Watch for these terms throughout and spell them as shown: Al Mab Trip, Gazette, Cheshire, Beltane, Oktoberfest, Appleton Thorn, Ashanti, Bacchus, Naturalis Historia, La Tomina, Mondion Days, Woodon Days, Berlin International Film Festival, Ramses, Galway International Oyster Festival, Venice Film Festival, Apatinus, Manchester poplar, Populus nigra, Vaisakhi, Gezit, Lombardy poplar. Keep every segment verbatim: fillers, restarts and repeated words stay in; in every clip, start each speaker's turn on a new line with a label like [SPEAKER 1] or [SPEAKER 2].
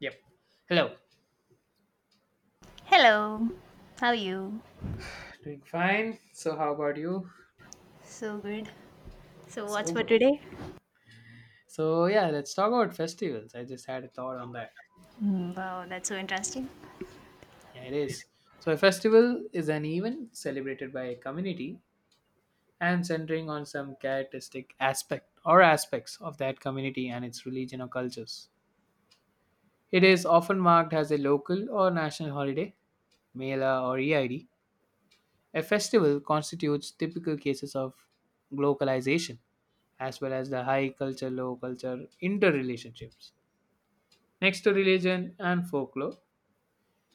[SPEAKER 1] Yep. Hello.
[SPEAKER 2] Hello, how are you?
[SPEAKER 1] Doing fine. So, how about you?
[SPEAKER 2] So good. So, what's
[SPEAKER 1] So
[SPEAKER 2] for
[SPEAKER 1] good.
[SPEAKER 2] today?
[SPEAKER 1] So, yeah, let's talk about festivals. I just had a thought on that.
[SPEAKER 2] Mm, wow, that's so interesting.
[SPEAKER 1] Yeah, it is. So, a festival is an event celebrated by a community and centering on some characteristic aspect or aspects of that community and its religion or cultures. It is often marked as a local or national holiday, Mela or E I D. A festival constitutes typical cases of globalization as well as the high culture low culture interrelationships. Next to religion and folklore,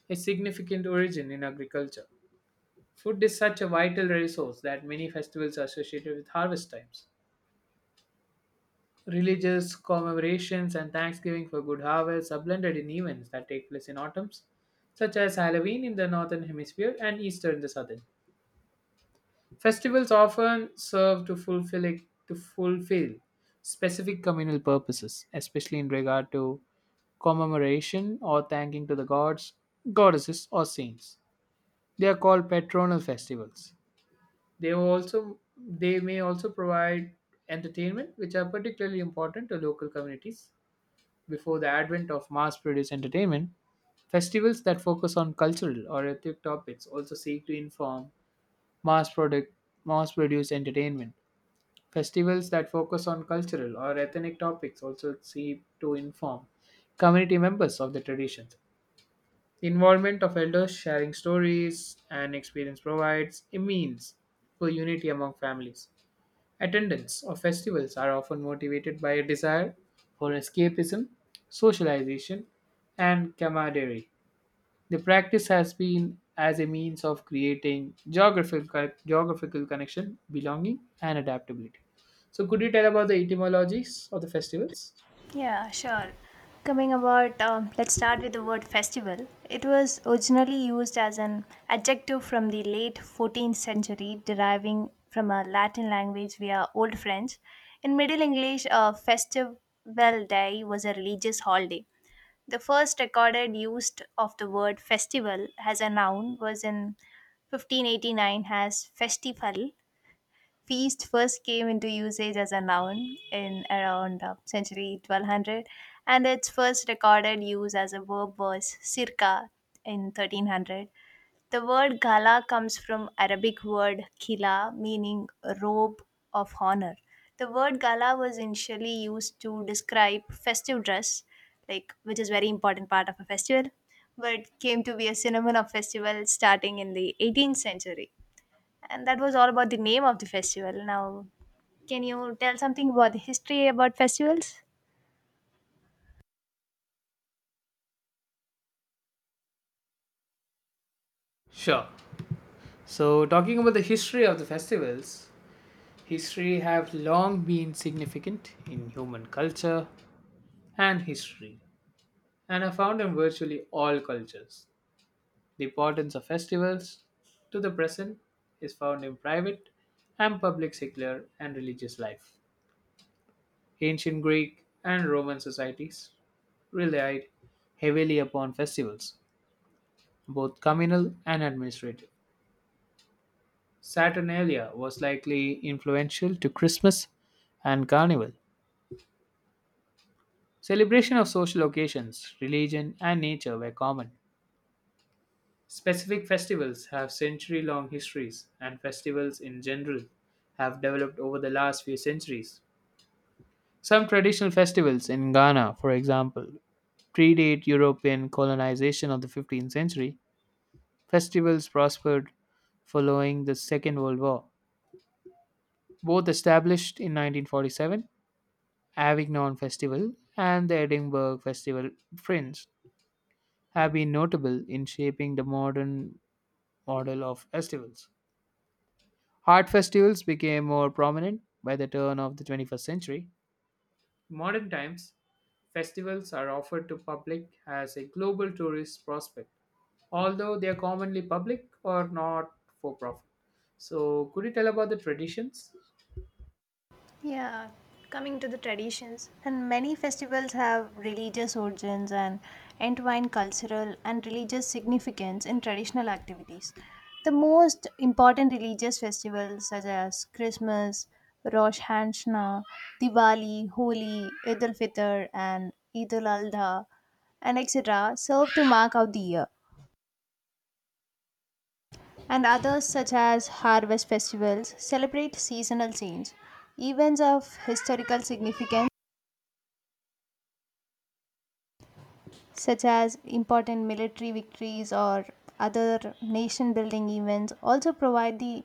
[SPEAKER 1] a significant origin in agriculture. Food is such a vital resource that many festivals are associated with harvest times. Religious commemorations and thanksgiving for good harvests are blended in events that take place in autumns, such as Halloween in the northern hemisphere and Easter in the southern. Festivals often serve to fulfill a- to fulfill specific communal purposes, especially in regard to commemoration or thanking to the gods, goddesses, or saints. They are called patronal festivals. They will also they may also provide entertainment, which are particularly important to local communities. Before the advent of mass-produced entertainment, festivals that focus on cultural or ethnic topics also seek to inform mass-product mass-produced entertainment. Festivals that focus on cultural or ethnic topics also seek to inform community members of the traditions. Involvement of elders sharing stories and experience provides a means for unity among families. Attendance of festivals are often motivated by a desire for escapism, socialization, and camaraderie. The practice has been as a means of creating geographical geographical connection, belonging, and adaptability. So, could you tell about the etymologies of the festivals?
[SPEAKER 2] Yeah, sure. Coming about, um, let's start with the word festival. It was originally used as an adjective from the late fourteenth century, deriving from a Latin language via Old French. In Middle English, a festival day was a religious holiday. The first recorded use of the word festival as a noun was in fifteen eighty-nine as festival. Feast first came into usage as a noun in around uh, century twelve hundred, and its first recorded use as a verb was circa in thirteen hundred. The word gala comes from Arabic word khila meaning robe of honor. The word gala was initially used to describe festive dress, like, which is very important part of a festival, but came to be a synonym of festival starting in the eighteenth century. And that was all about the name of the festival. Now, can you tell something about the history about festivals?
[SPEAKER 1] Sure. So, talking about the history of the festivals, history have long been significant in human culture and history and are found in virtually all cultures. The importance of festivals to the present is found in private and public secular and religious life. Ancient Greek and Roman societies relied heavily upon festivals, both communal and administrative. Saturnalia was likely influential to Christmas and Carnival. Celebration of social occasions, religion, and nature were common. Specific festivals have century long histories, and festivals in general have developed over the last few centuries. Some traditional festivals in Ghana, for example, predate European colonization of the fifteenth century. Festivals prospered following the Second World War. Both established in nineteen forty-seven, Avignon Festival and the Edinburgh Festival Fringe have been notable in shaping the modern model of festivals. Art festivals became more prominent by the turn of the twenty-first century. Modern times, festivals are offered to public as a global tourist prospect, although they are commonly public or not for profit. So, could you tell about the traditions?
[SPEAKER 2] Yeah, coming to the traditions, and many festivals have religious origins and entwine cultural and religious significance in traditional activities. The most important religious festivals, such as Christmas, Rosh Hashanah, Diwali, Holi, Eid al Fitr, and Eid al Adha, and et cetera, serve to mark out the year. And others, such as harvest festivals, celebrate seasonal change, events of historical significance, such as important military victories or other nation building events, also provide the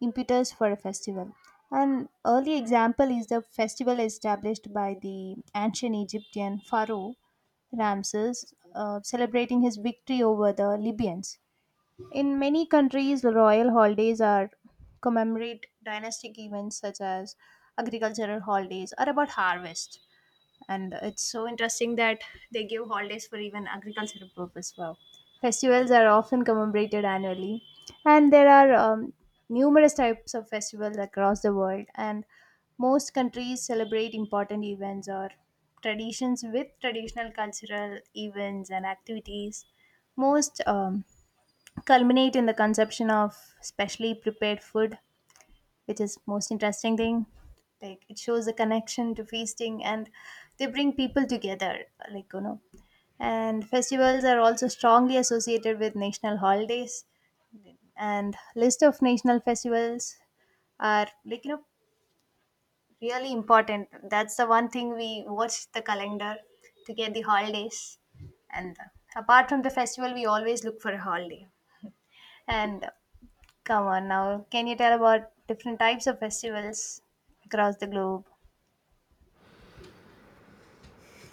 [SPEAKER 2] impetus for a festival. An early example is the festival established by the ancient Egyptian pharaoh Ramses, uh, celebrating his victory over the Libyans. In many countries, royal holidays are commemorate dynastic events, such as agricultural holidays are about harvest. And it's so interesting that they give holidays for even agricultural purpose. Wow. Festivals are often commemorated annually, and there are um, numerous types of festivals across the world. And most countries celebrate important events or traditions with traditional cultural events and activities. Most um, culminate in the consumption of specially prepared food, which is most interesting thing. Like it shows a connection to feasting, and they bring people together, like you know. And festivals are also strongly associated with national holidays, and list of national festivals are like you know really important. That's the one thing we watch the calendar to get the holidays. And uh, apart from the festival, we always look for a holiday. And come on now, can you tell about different types of festivals across the globe?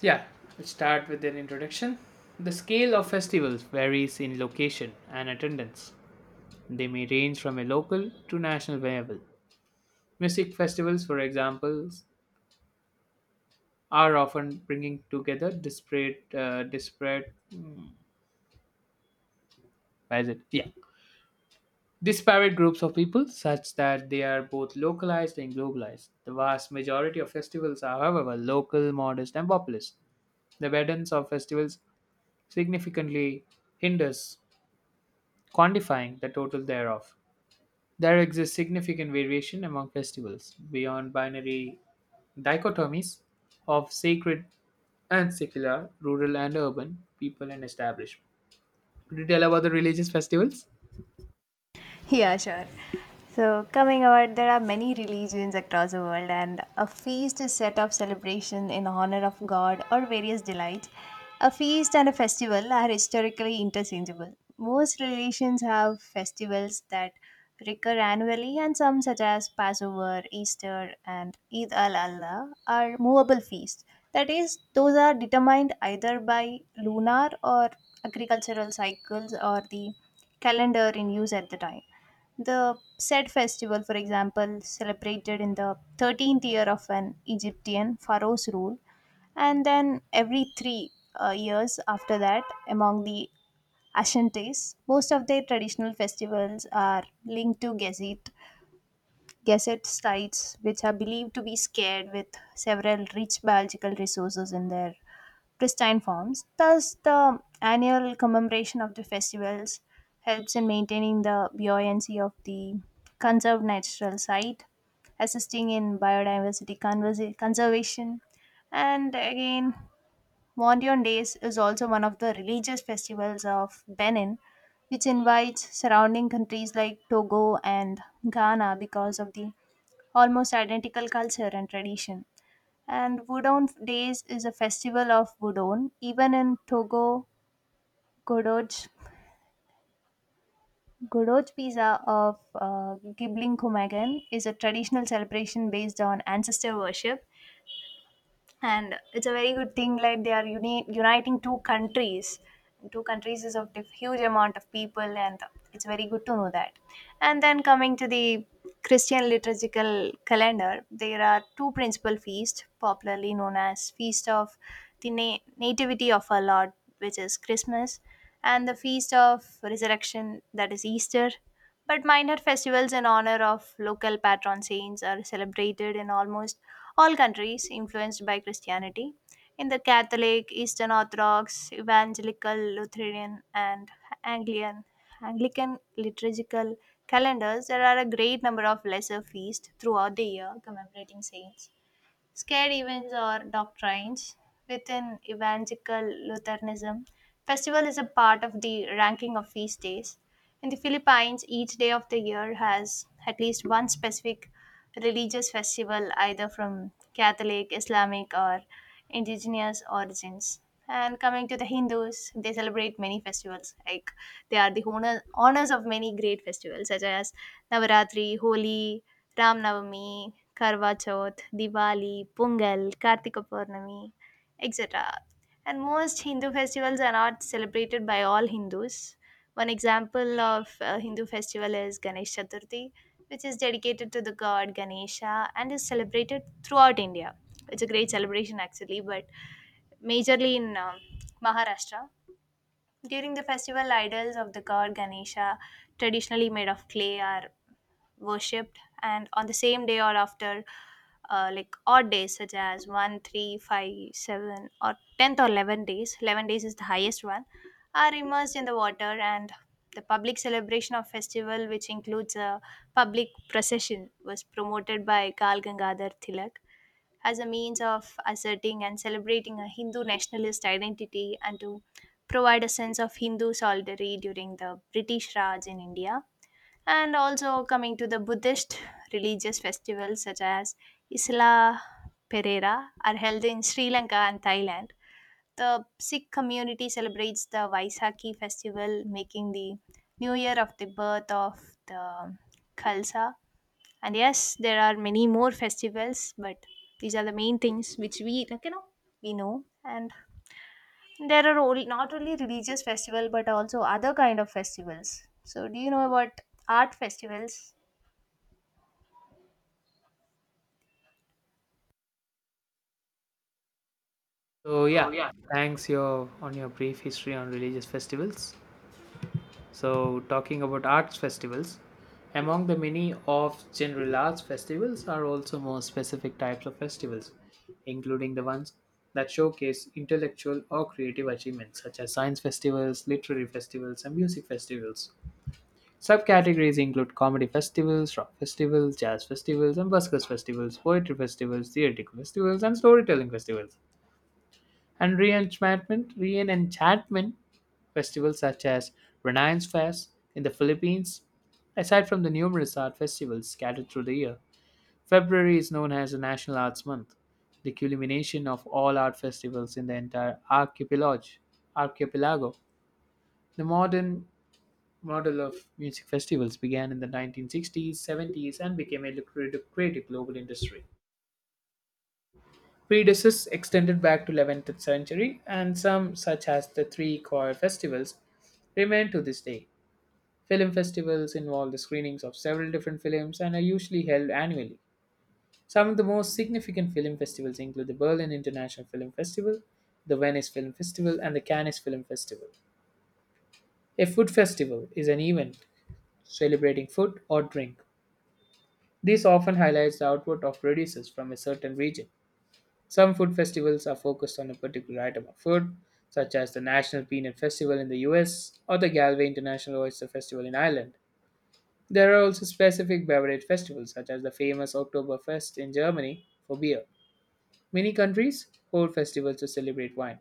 [SPEAKER 1] Yeah, let's start with an introduction. The scale of festivals varies in location and attendance. They may range from a local to national level. Music festivals, for example, are often bringing together disparate, uh, disparate, mm, what is it? Yeah, disparate groups of people such that they are both localized and globalized. The vast majority of festivals are, however, local, modest, and populist. The burdens of festivals significantly hinders quantifying the total thereof. There exists significant variation among festivals beyond binary dichotomies of sacred and secular, rural and urban, people and establishment. Could you tell about the religious festivals?
[SPEAKER 2] Yeah, sure. So, coming out, there are many religions across the world, and a feast is set up celebration in honor of God or various delights. A feast and a festival are historically interchangeable. Most religions have festivals that recur annually, and some, such as Passover, Easter, and Eid al Allah, are movable feasts. That is, those are determined either by lunar or agricultural cycles or the calendar in use at the time. The said festival, for example, celebrated in the thirteenth year of an Egyptian pharaoh's rule, and then every three uh, years after that. Among the Ashantis, most of their traditional festivals are linked to Gezit, Gazette sites, which are believed to be scared with several rich biological resources in their pristine forms. Thus, the annual commemoration of the festivals helps in maintaining the buoyancy of the conserved natural site, assisting in biodiversity conversa- conservation. And again, Mondion Days is also one of the religious festivals of Benin, which invites surrounding countries like Togo and Ghana because of the almost identical culture and tradition. And Woodon Days is a festival of Woodon. Even in Togo, Godoj, Godoj Pizza of uh, Gibling Kumagan is a traditional celebration based on ancestor worship. And it's a very good thing, like, they are uni- uniting two countries two countries is of diff- huge amount of people, and it's very good to know that. And then, coming to the Christian liturgical calendar, there are two principal feasts popularly known as feast of the Na- nativity of our Lord, which is Christmas, and the feast of resurrection, that is Easter. But minor festivals in honor of local patron saints are celebrated in almost all countries influenced by Christianity. In the Catholic, Eastern Orthodox, Evangelical, Lutheran, and Anglican, Anglican liturgical calendars, there are a great number of lesser feasts throughout the year commemorating saints. Scare events or doctrines within evangelical Lutheranism. Festival is a part of the ranking of feast days. In the Philippines, each day of the year has at least one specific religious festival, either from Catholic, Islamic, or indigenous origins. And coming to the Hindus, they celebrate many festivals. Like, they are the honor, honors of many great festivals such as Navaratri, Holi, Ram Navami, Karva Chauth, Diwali, Pungal, Kartika Purnami, et cetera. And most Hindu festivals are not celebrated by all Hindus. One example of a Hindu festival is Ganesh Chaturthi, which is dedicated to the god Ganesha and is celebrated throughout India. It's a great celebration actually, but majorly in um Maharashtra. During the festival, idols of the god Ganesha, traditionally made of clay, are worshipped, and on the same day or after, uh, like odd days such as one, three, five, seven, or tenth or eleven days, eleven days is the highest one, are immersed in the water. And the public celebration of festival, which includes a public procession, was promoted by Kal Gangadhar Tilak as a means of asserting and celebrating a Hindu nationalist identity and to provide a sense of Hindu solidarity during the British Raj in India. And also coming to the Buddhist religious festivals such as Isla Perera are held in Sri Lanka and Thailand. The Sikh community celebrates the Vaisakhi festival, making the new year of the birth of the Khalsa. And yes, there are many more festivals, but these are the main things which we like you know we know. And there are only, not only religious festival but also other kind of festivals. So do you know about art festivals?
[SPEAKER 1] So
[SPEAKER 2] So
[SPEAKER 1] yeah,
[SPEAKER 2] yeah.
[SPEAKER 1] thanks your on your brief history on religious festivals. So talking about arts festivals, among the many of general arts festivals are also more specific types of festivals, including the ones that showcase intellectual or creative achievements such as science festivals, literary festivals, and music festivals. Subcategories include comedy festivals, rock festivals, jazz festivals, and buskers festivals, poetry festivals, theatrical festivals, and storytelling festivals. And reenchantment, reenchantment festivals such as Renaissance Fest in the Philippines. Aside from the numerous art festivals scattered through the year, February is known as the National Arts Month, the culmination of all art festivals in the entire archipelago. archipelago. The modern model of music festivals began in the nineteen sixties, seventies, and became a lucrative, creative global industry. Prejudices extended back to eleventh century, and some, such as the three choir festivals, remain to this day. Film festivals involve the screenings of several different films and are usually held annually. Some of the most significant film festivals include the Berlin International Film Festival, the Venice Film Festival, and the Cannes Film Festival. A food festival is an event celebrating food or drink. This often highlights the output of producers from a certain region. Some food festivals are focused on a particular item of food, such as the National Peanut Festival in the U S or the Galway International Oyster Festival in Ireland. There are also specific beverage festivals, such as the famous Oktoberfest in Germany for beer. Many countries hold festivals to celebrate wine.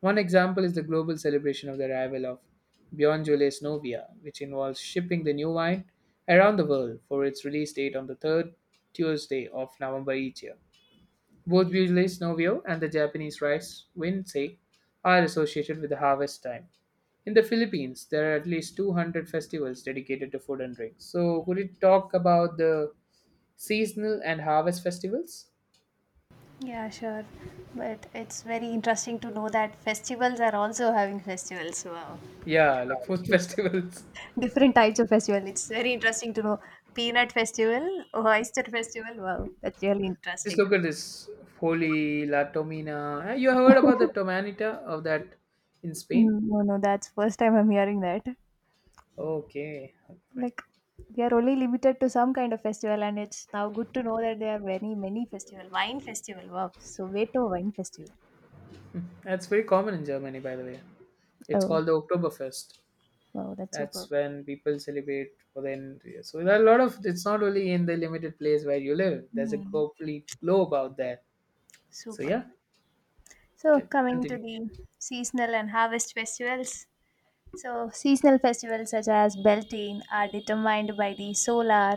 [SPEAKER 1] One example is the global celebration of the arrival of Bjornjule's Novia, which involves shipping the new wine around the world for its release date on the third Tuesday of November each year. Both Beaujolais Nouveau and the Japanese rice Winsei are associated with the harvest time. In the Philippines, there are at least two hundred festivals dedicated to food and drinks. So, could you talk about the seasonal and harvest festivals?
[SPEAKER 2] Yeah, sure. But it's very interesting to know that festivals are also having festivals. Wow.
[SPEAKER 1] Yeah, like food
[SPEAKER 2] uh,
[SPEAKER 1] festivals.
[SPEAKER 2] Different types of festival. It's very interesting to know. Peanut festival, oyster festival. Wow, that's really
[SPEAKER 1] Just
[SPEAKER 2] interesting.
[SPEAKER 1] look at this Holi, La Tomina. Eh, you have heard about the Tomanita of that in Spain?
[SPEAKER 2] Mm, no, no, that's first time I'm hearing that.
[SPEAKER 1] Okay, fine.
[SPEAKER 2] Like, we are only limited to some kind of festival, and it's now good to know that there are many, many festival. Wine festival, wow! So Soweto Wine Festival.
[SPEAKER 1] That's very common in Germany, by the way. It's
[SPEAKER 2] Oh,
[SPEAKER 1] called the Oktoberfest.
[SPEAKER 2] wow, that's superb.
[SPEAKER 1] That's when people celebrate for the end. So there are a lot of it's not only in the limited place where you live. There's a
[SPEAKER 2] Mm,
[SPEAKER 1] globally globe out there. So
[SPEAKER 2] superb.
[SPEAKER 1] yeah,
[SPEAKER 2] So
[SPEAKER 1] can
[SPEAKER 2] coming to
[SPEAKER 1] continue.
[SPEAKER 2] the seasonal and harvest festivals. So seasonal festivals such as Beltane are determined by the solar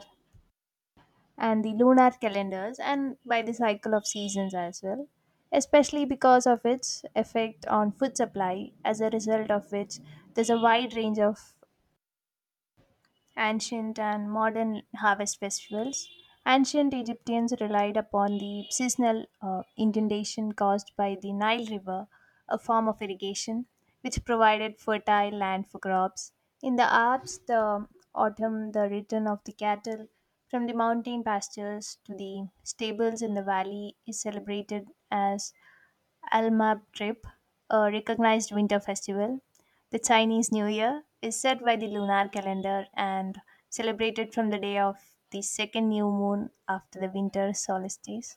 [SPEAKER 2] and the lunar calendars and by the cycle of seasons as well, especially because of its effect on food supply, as a result of which there's a wide range of ancient and modern harvest festivals. Ancient Egyptians relied upon the seasonal uh, inundation caused by the Nile River, a form of irrigation which provided fertile land for crops. In the Alps, the autumn, the return of the cattle from the mountain pastures to the stables in the valley is celebrated as Al Mab Trip. A recognized winter festival, the Chinese New Year, is set by the lunar calendar and celebrated from the day of the second new moon after the winter solstice.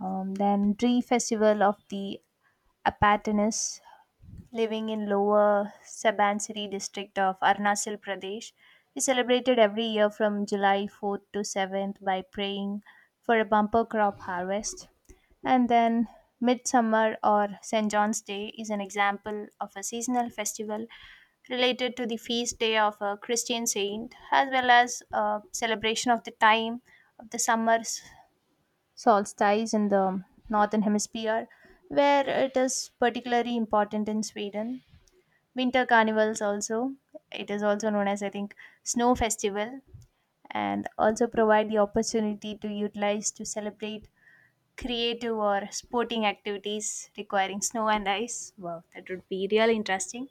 [SPEAKER 2] Um, then Tree Festival of the Apatinus living in Lower Sabansiri district of Arunachal Pradesh is celebrated every year from July fourth to seventh by praying for a bumper crop harvest. And then Midsummer or Saint John's Day is an example of a seasonal festival related to the feast day of a Christian saint, as well as a celebration of the time of the summer s- solstice in the northern hemisphere, where it is particularly important in Sweden. Winter carnivals, also, it is also known as, I think, snow festival, and also provide the opportunity to utilize to celebrate creative or sporting activities requiring snow and ice. Wow, that would be really interesting.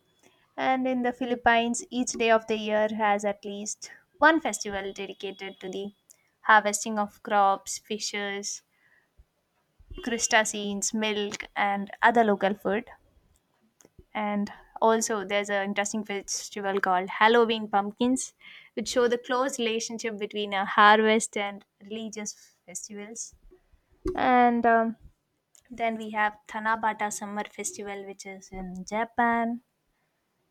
[SPEAKER 2] And in the Philippines, each day of the year has at least one festival dedicated to the harvesting of crops, fishes, crustaceans, milk, and other local food. And also there's an interesting festival called Halloween pumpkins, which show the close relationship between a harvest and religious festivals. And um, then we have Tanabata summer festival, which is in Japan,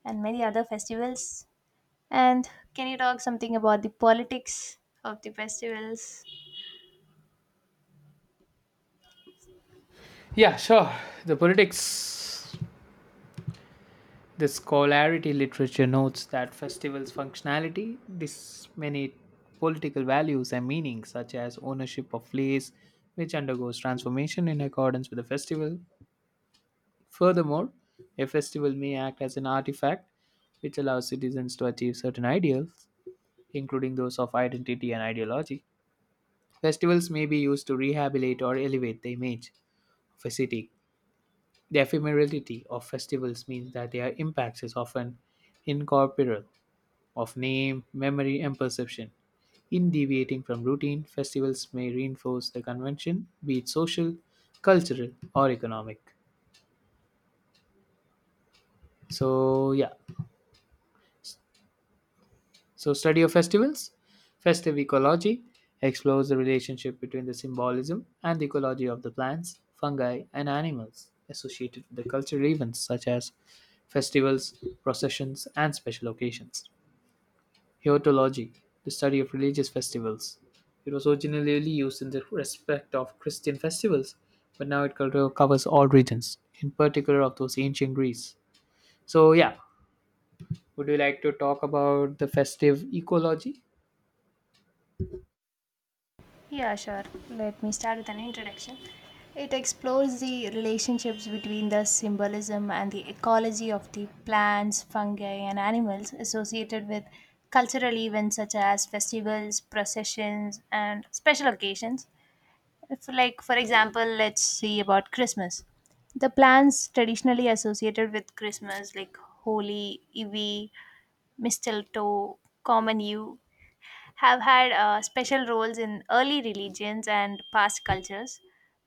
[SPEAKER 2] and many other festivals. And can you talk something about the politics of the festivals?
[SPEAKER 1] Yeah, sure. The politics the scholarity literature notes that festivals' functionality disseminate political values and meanings such as ownership of place, which undergoes transformation in accordance with the festival. Furthermore, a festival may act as an artifact which allows citizens to achieve certain ideals including those of identity and ideology. Festivals may be used to rehabilitate or elevate the image of a city. The ephemerality of festivals means that their impact is often incorporeal, of name, memory, and perception. In deviating from routine, festivals may reinforce the convention, be it social, cultural, or economic. So, yeah, so, study of festivals, festive ecology explores the relationship between the symbolism and the ecology of the plants, fungi, and animals associated with the cultural events such as festivals, processions, and special occasions. Heotology, the study of religious festivals. It was originally used in the respect of Christian festivals, but now it co- covers all regions, in particular of those ancient Greece. So, yeah, would you like to talk about the festive ecology?
[SPEAKER 2] Yeah, sure. Let me start with an introduction. It explores the relationships between the symbolism and the ecology of the plants, fungi, and animals associated with cultural events such as festivals, processions, and special occasions. If, like, for example, let's see about Christmas. The plants traditionally associated with Christmas, like Holi, Ivy, Mistletoe, Common Yew, have had uh, special roles in early religions and past cultures,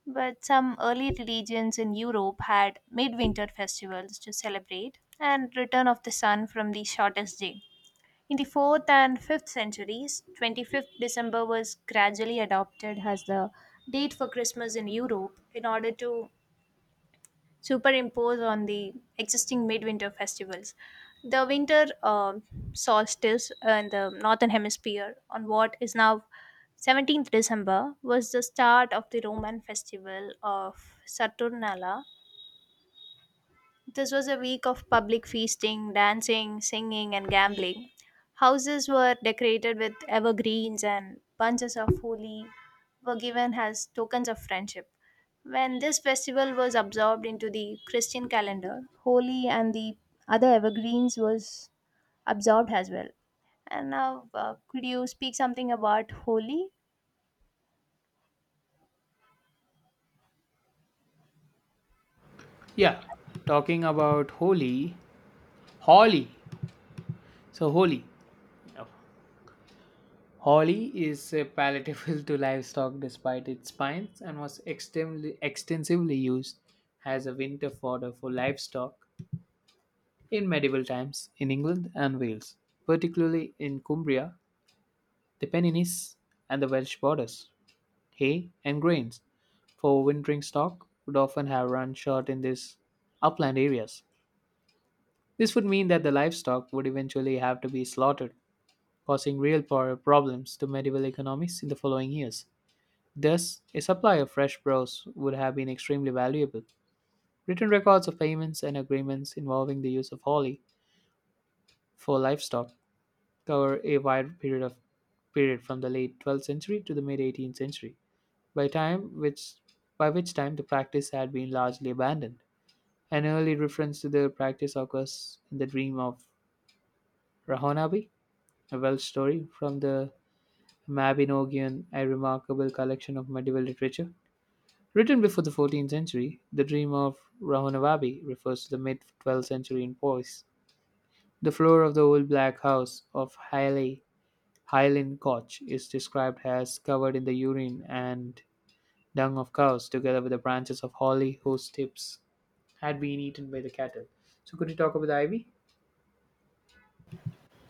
[SPEAKER 2] but some early religions in Europe had midwinter festivals to celebrate and return of the sun from the shortest day. In the fourth and fifth centuries, the twenty-fifth of December was gradually adopted as the date for Christmas in Europe in order to superimpose on the existing midwinter festivals. The winter um solstice in the northern hemisphere on what is now the seventeenth of December was the start of the Roman festival of Saturnalia. This was a week of public feasting, dancing, singing, and gambling. Houses were decorated with evergreens, and bunches of holi were given as tokens of friendship. When this festival was absorbed into the Christian calendar, holi and the other evergreens was absorbed as well. And now, uh, could you speak something about holi?
[SPEAKER 1] Yeah, talking about Holi, Holly. So Holi, Holly is uh, palatable to livestock despite its spines and was extensively, extensively used as a winter fodder for livestock in medieval times in England and Wales, particularly in Cumbria, the Pennines, and the Welsh borders. Hay and grains for wintering stock would often have run short in these upland areas. This would mean that the livestock would eventually have to be slaughtered causing real power problems to medieval economies in the following years. Thus, a supply of fresh prose would have been extremely valuable. Written records of payments and agreements involving the use of holly for livestock cover a wide period of period from the late twelfth century to the mid eighteenth century, by time which by which time the practice had been largely abandoned. An early reference to the practice occurs in the Dream of Rahonabi, a Welsh story from the Mabinogion, a remarkable collection of medieval literature. Written before the fourteenth century, the Dream of Rahunavabi refers to the mid twelfth century in Powys. The floor of the old black house of Hyley, Koch, is described as covered in the urine and dung of cows, together with the branches of holly whose tips had been eaten by the cattle. So, could you talk about the ivy?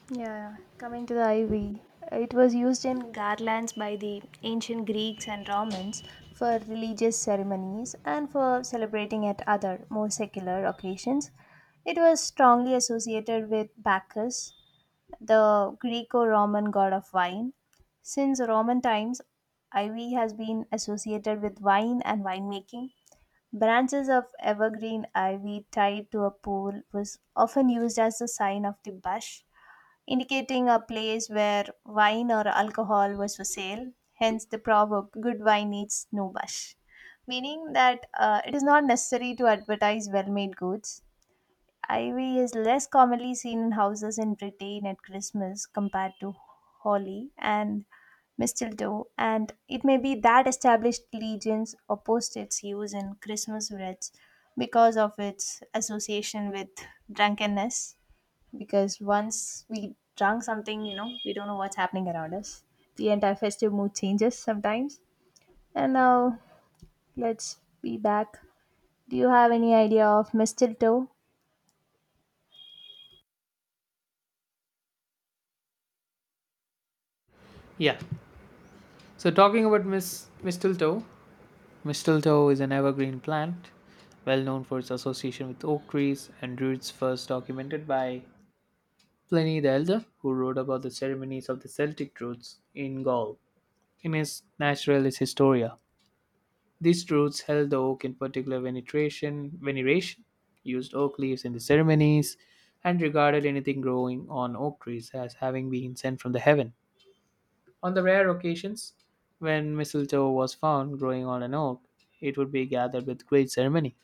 [SPEAKER 2] Yeah, coming to the ivy, it was used in garlands by the ancient Greeks and Romans for religious ceremonies and for celebrating at other, more secular occasions. It was strongly associated with Bacchus, the Greco Roman god of wine. Since Roman times, ivy has been associated with wine and winemaking. Branches of evergreen ivy tied to a pole was often used as the sign of the bush indicating a place where wine or alcohol was for sale, hence the proverb, good wine needs no bush. Meaning that uh, it is not necessary to advertise well made goods. Ivy is less commonly seen in houses in Britain at Christmas compared to holly and mistletoe, and it may be that established legends opposed its use in Christmas wreaths because of its association with drunkenness because once we drunk something, you know, we don't know what's happening around us. The entire festive mood changes sometimes. And now let's be back. Do you have any idea of mistletoe?
[SPEAKER 1] Yeah. So, talking about Miss Miss Tulto, Mistletoe is an evergreen plant, well known for its association with oak trees and roots, first documented by Pliny the Elder, who wrote about the ceremonies of the Celtic Druids in Gaul in his Naturalis Historia. These Druids held the oak in particular veneration, veneration, used oak leaves in the ceremonies, and regarded anything growing on oak trees as having been sent from the heaven. On the rare occasions when mistletoe was found growing on an oak, it would be gathered with great ceremony.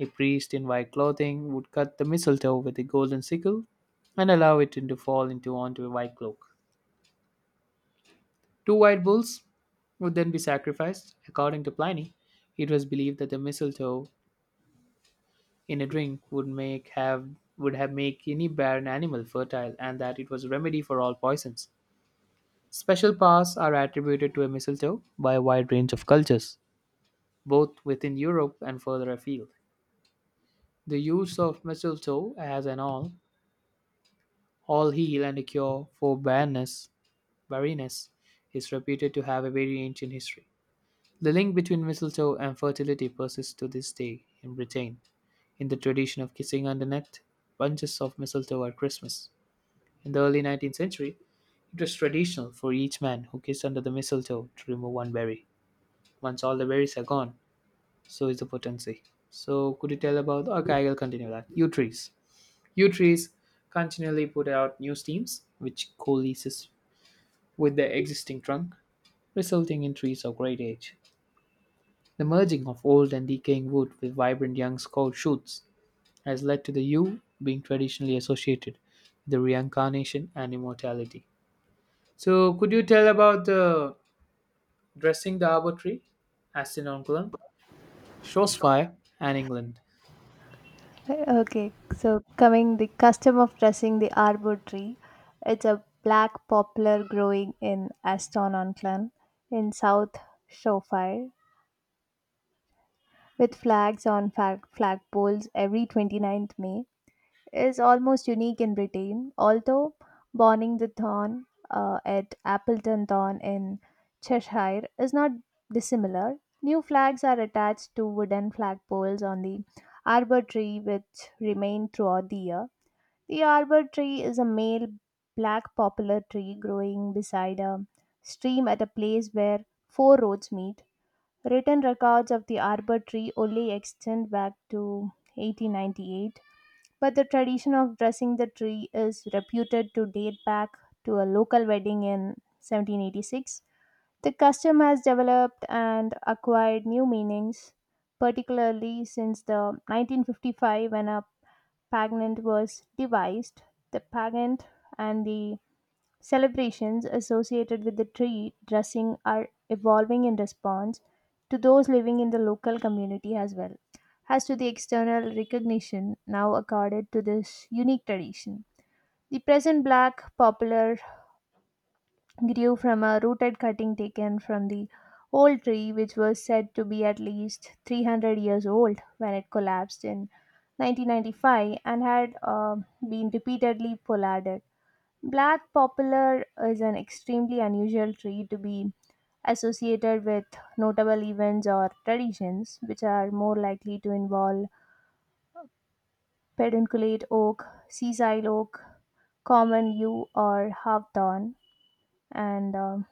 [SPEAKER 1] A priest in white clothing would cut the mistletoe with a golden sickle and allow it to fall into onto a white cloak. Two white bulls would then be sacrificed. According to Pliny, it was believed that the mistletoe in a drink would make have would have make any barren animal fertile and that it was a remedy for all poisons. Special powers are attributed to a mistletoe by a wide range of cultures, both within Europe and further afield. The use of mistletoe as an all All heal and a cure for barrenness, barrenness is reputed to have a very ancient history. The link between mistletoe and fertility persists to this day in Britain. In the tradition of kissing underneath bunches of mistletoe at Christmas. In the early nineteenth century, it was traditional for each man who kissed under the mistletoe to remove one berry. Once all the berries are gone, so is the potency. So, could you tell about? Okay, I'll continue that. Yew trees. Yew trees continually put out new stems, which coalesces with their existing trunk, resulting in trees of great age. The merging of old and decaying wood with vibrant young scout shoots has led to the yew being traditionally associated with the reincarnation and immortality. So, could you tell about the dressing the arbor tree, Astinonculum, Shropshire, and England?
[SPEAKER 2] Okay, so coming the custom of dressing the arbor tree, it's a black poplar growing in Aston on Clun in South Shropshire with flags on flag flagpoles every 29th May is almost unique in Britain, although Bonning the Thorn uh, at Appleton Thorn in Cheshire is not dissimilar. New flags are attached to wooden flagpoles on the arbor tree, which remain throughout the year. The arbor tree is a male black poplar tree growing beside a stream at a place where four roads meet. Written records of the arbor tree only extend back to eighteen ninety-eight, but the tradition of dressing the tree is reputed to date back to a local wedding in seventeen eighty-six. The custom has developed and acquired new meanings, particularly since the nineteen fifty-five when a pageant was devised. The pageant and the celebrations associated with the tree dressing are evolving in response to those living in the local community as well as to the external recognition now accorded to this unique tradition. The present black poplar grew from a rooted cutting taken from the old tree, which was said to be at least three hundred years old when it collapsed in nineteen ninety-five and had uh, been repeatedly pollarded. Black poplar is an extremely unusual tree to be associated with notable events or traditions, which are more likely to involve pedunculate oak, sisal oak, common yew, or hawthorn. And um,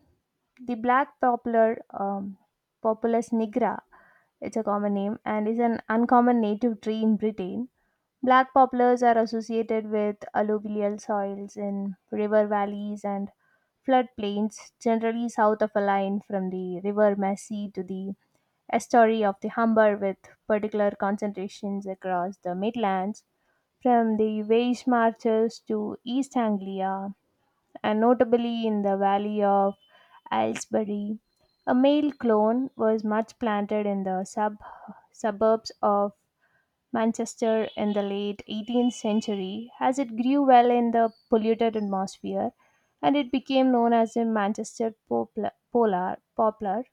[SPEAKER 2] The black poplar, um, Populus nigra, it's a common name, and is an uncommon native tree in Britain. Black poplars are associated with alluvial soils in river valleys and floodplains, generally south of a line from the River Mersey to the estuary of the Humber, with particular concentrations across the Midlands, from the Welsh Marches to East Anglia, and notably in the valley of Aylesbury. A male clone was much planted in the sub- suburbs of Manchester in the late eighteenth century as it grew well in the polluted atmosphere and it became known as the Manchester popla- polar, poplar.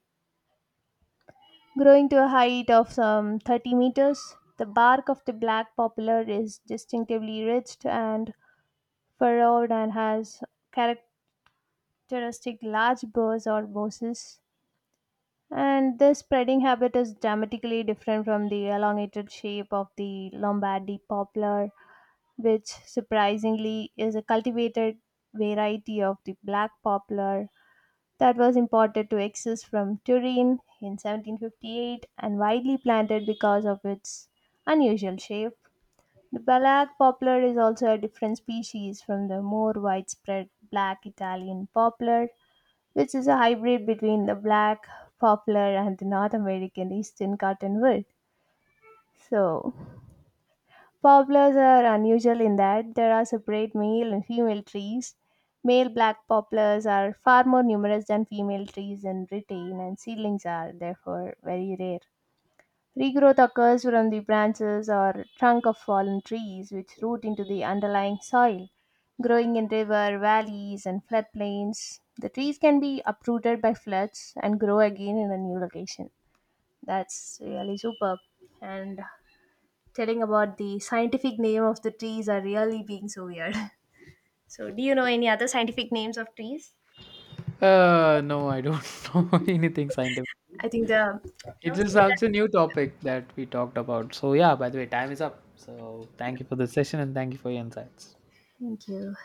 [SPEAKER 2] Growing to a height of some thirty meters, the bark of the black poplar is distinctively ridged and furrowed and has characteristic characteristic large burrs or bosses, and this spreading habit is dramatically different from the elongated shape of the lombardy poplar, which surprisingly is a cultivated variety of the black poplar that was imported to exist from Turin in seventeen fifty-eight and widely planted because of its unusual shape. The black poplar is also a different species from the more widespread black Italian poplar, which is a hybrid between the black poplar and the North American eastern cottonwood. So, poplars are unusual in that there are separate male and female trees. Male black poplars are far more numerous than female trees in Britain, and seedlings are therefore very rare. Regrowth occurs from the branches or trunk of fallen trees, which root into the underlying soil. Growing in river valleys and floodplains, the trees can be uprooted by floods and grow again in a new location. That's really superb. And telling about the scientific name of the trees are really being so weird. So, do you know any other scientific names of trees?
[SPEAKER 1] Uh, no, I don't know anything scientific.
[SPEAKER 2] I think the
[SPEAKER 1] It
[SPEAKER 2] no.
[SPEAKER 1] is also a new topic that we talked about. So, yeah, by the way, time is up. So, thank you for the session and thank you for your insights.
[SPEAKER 2] Thank you.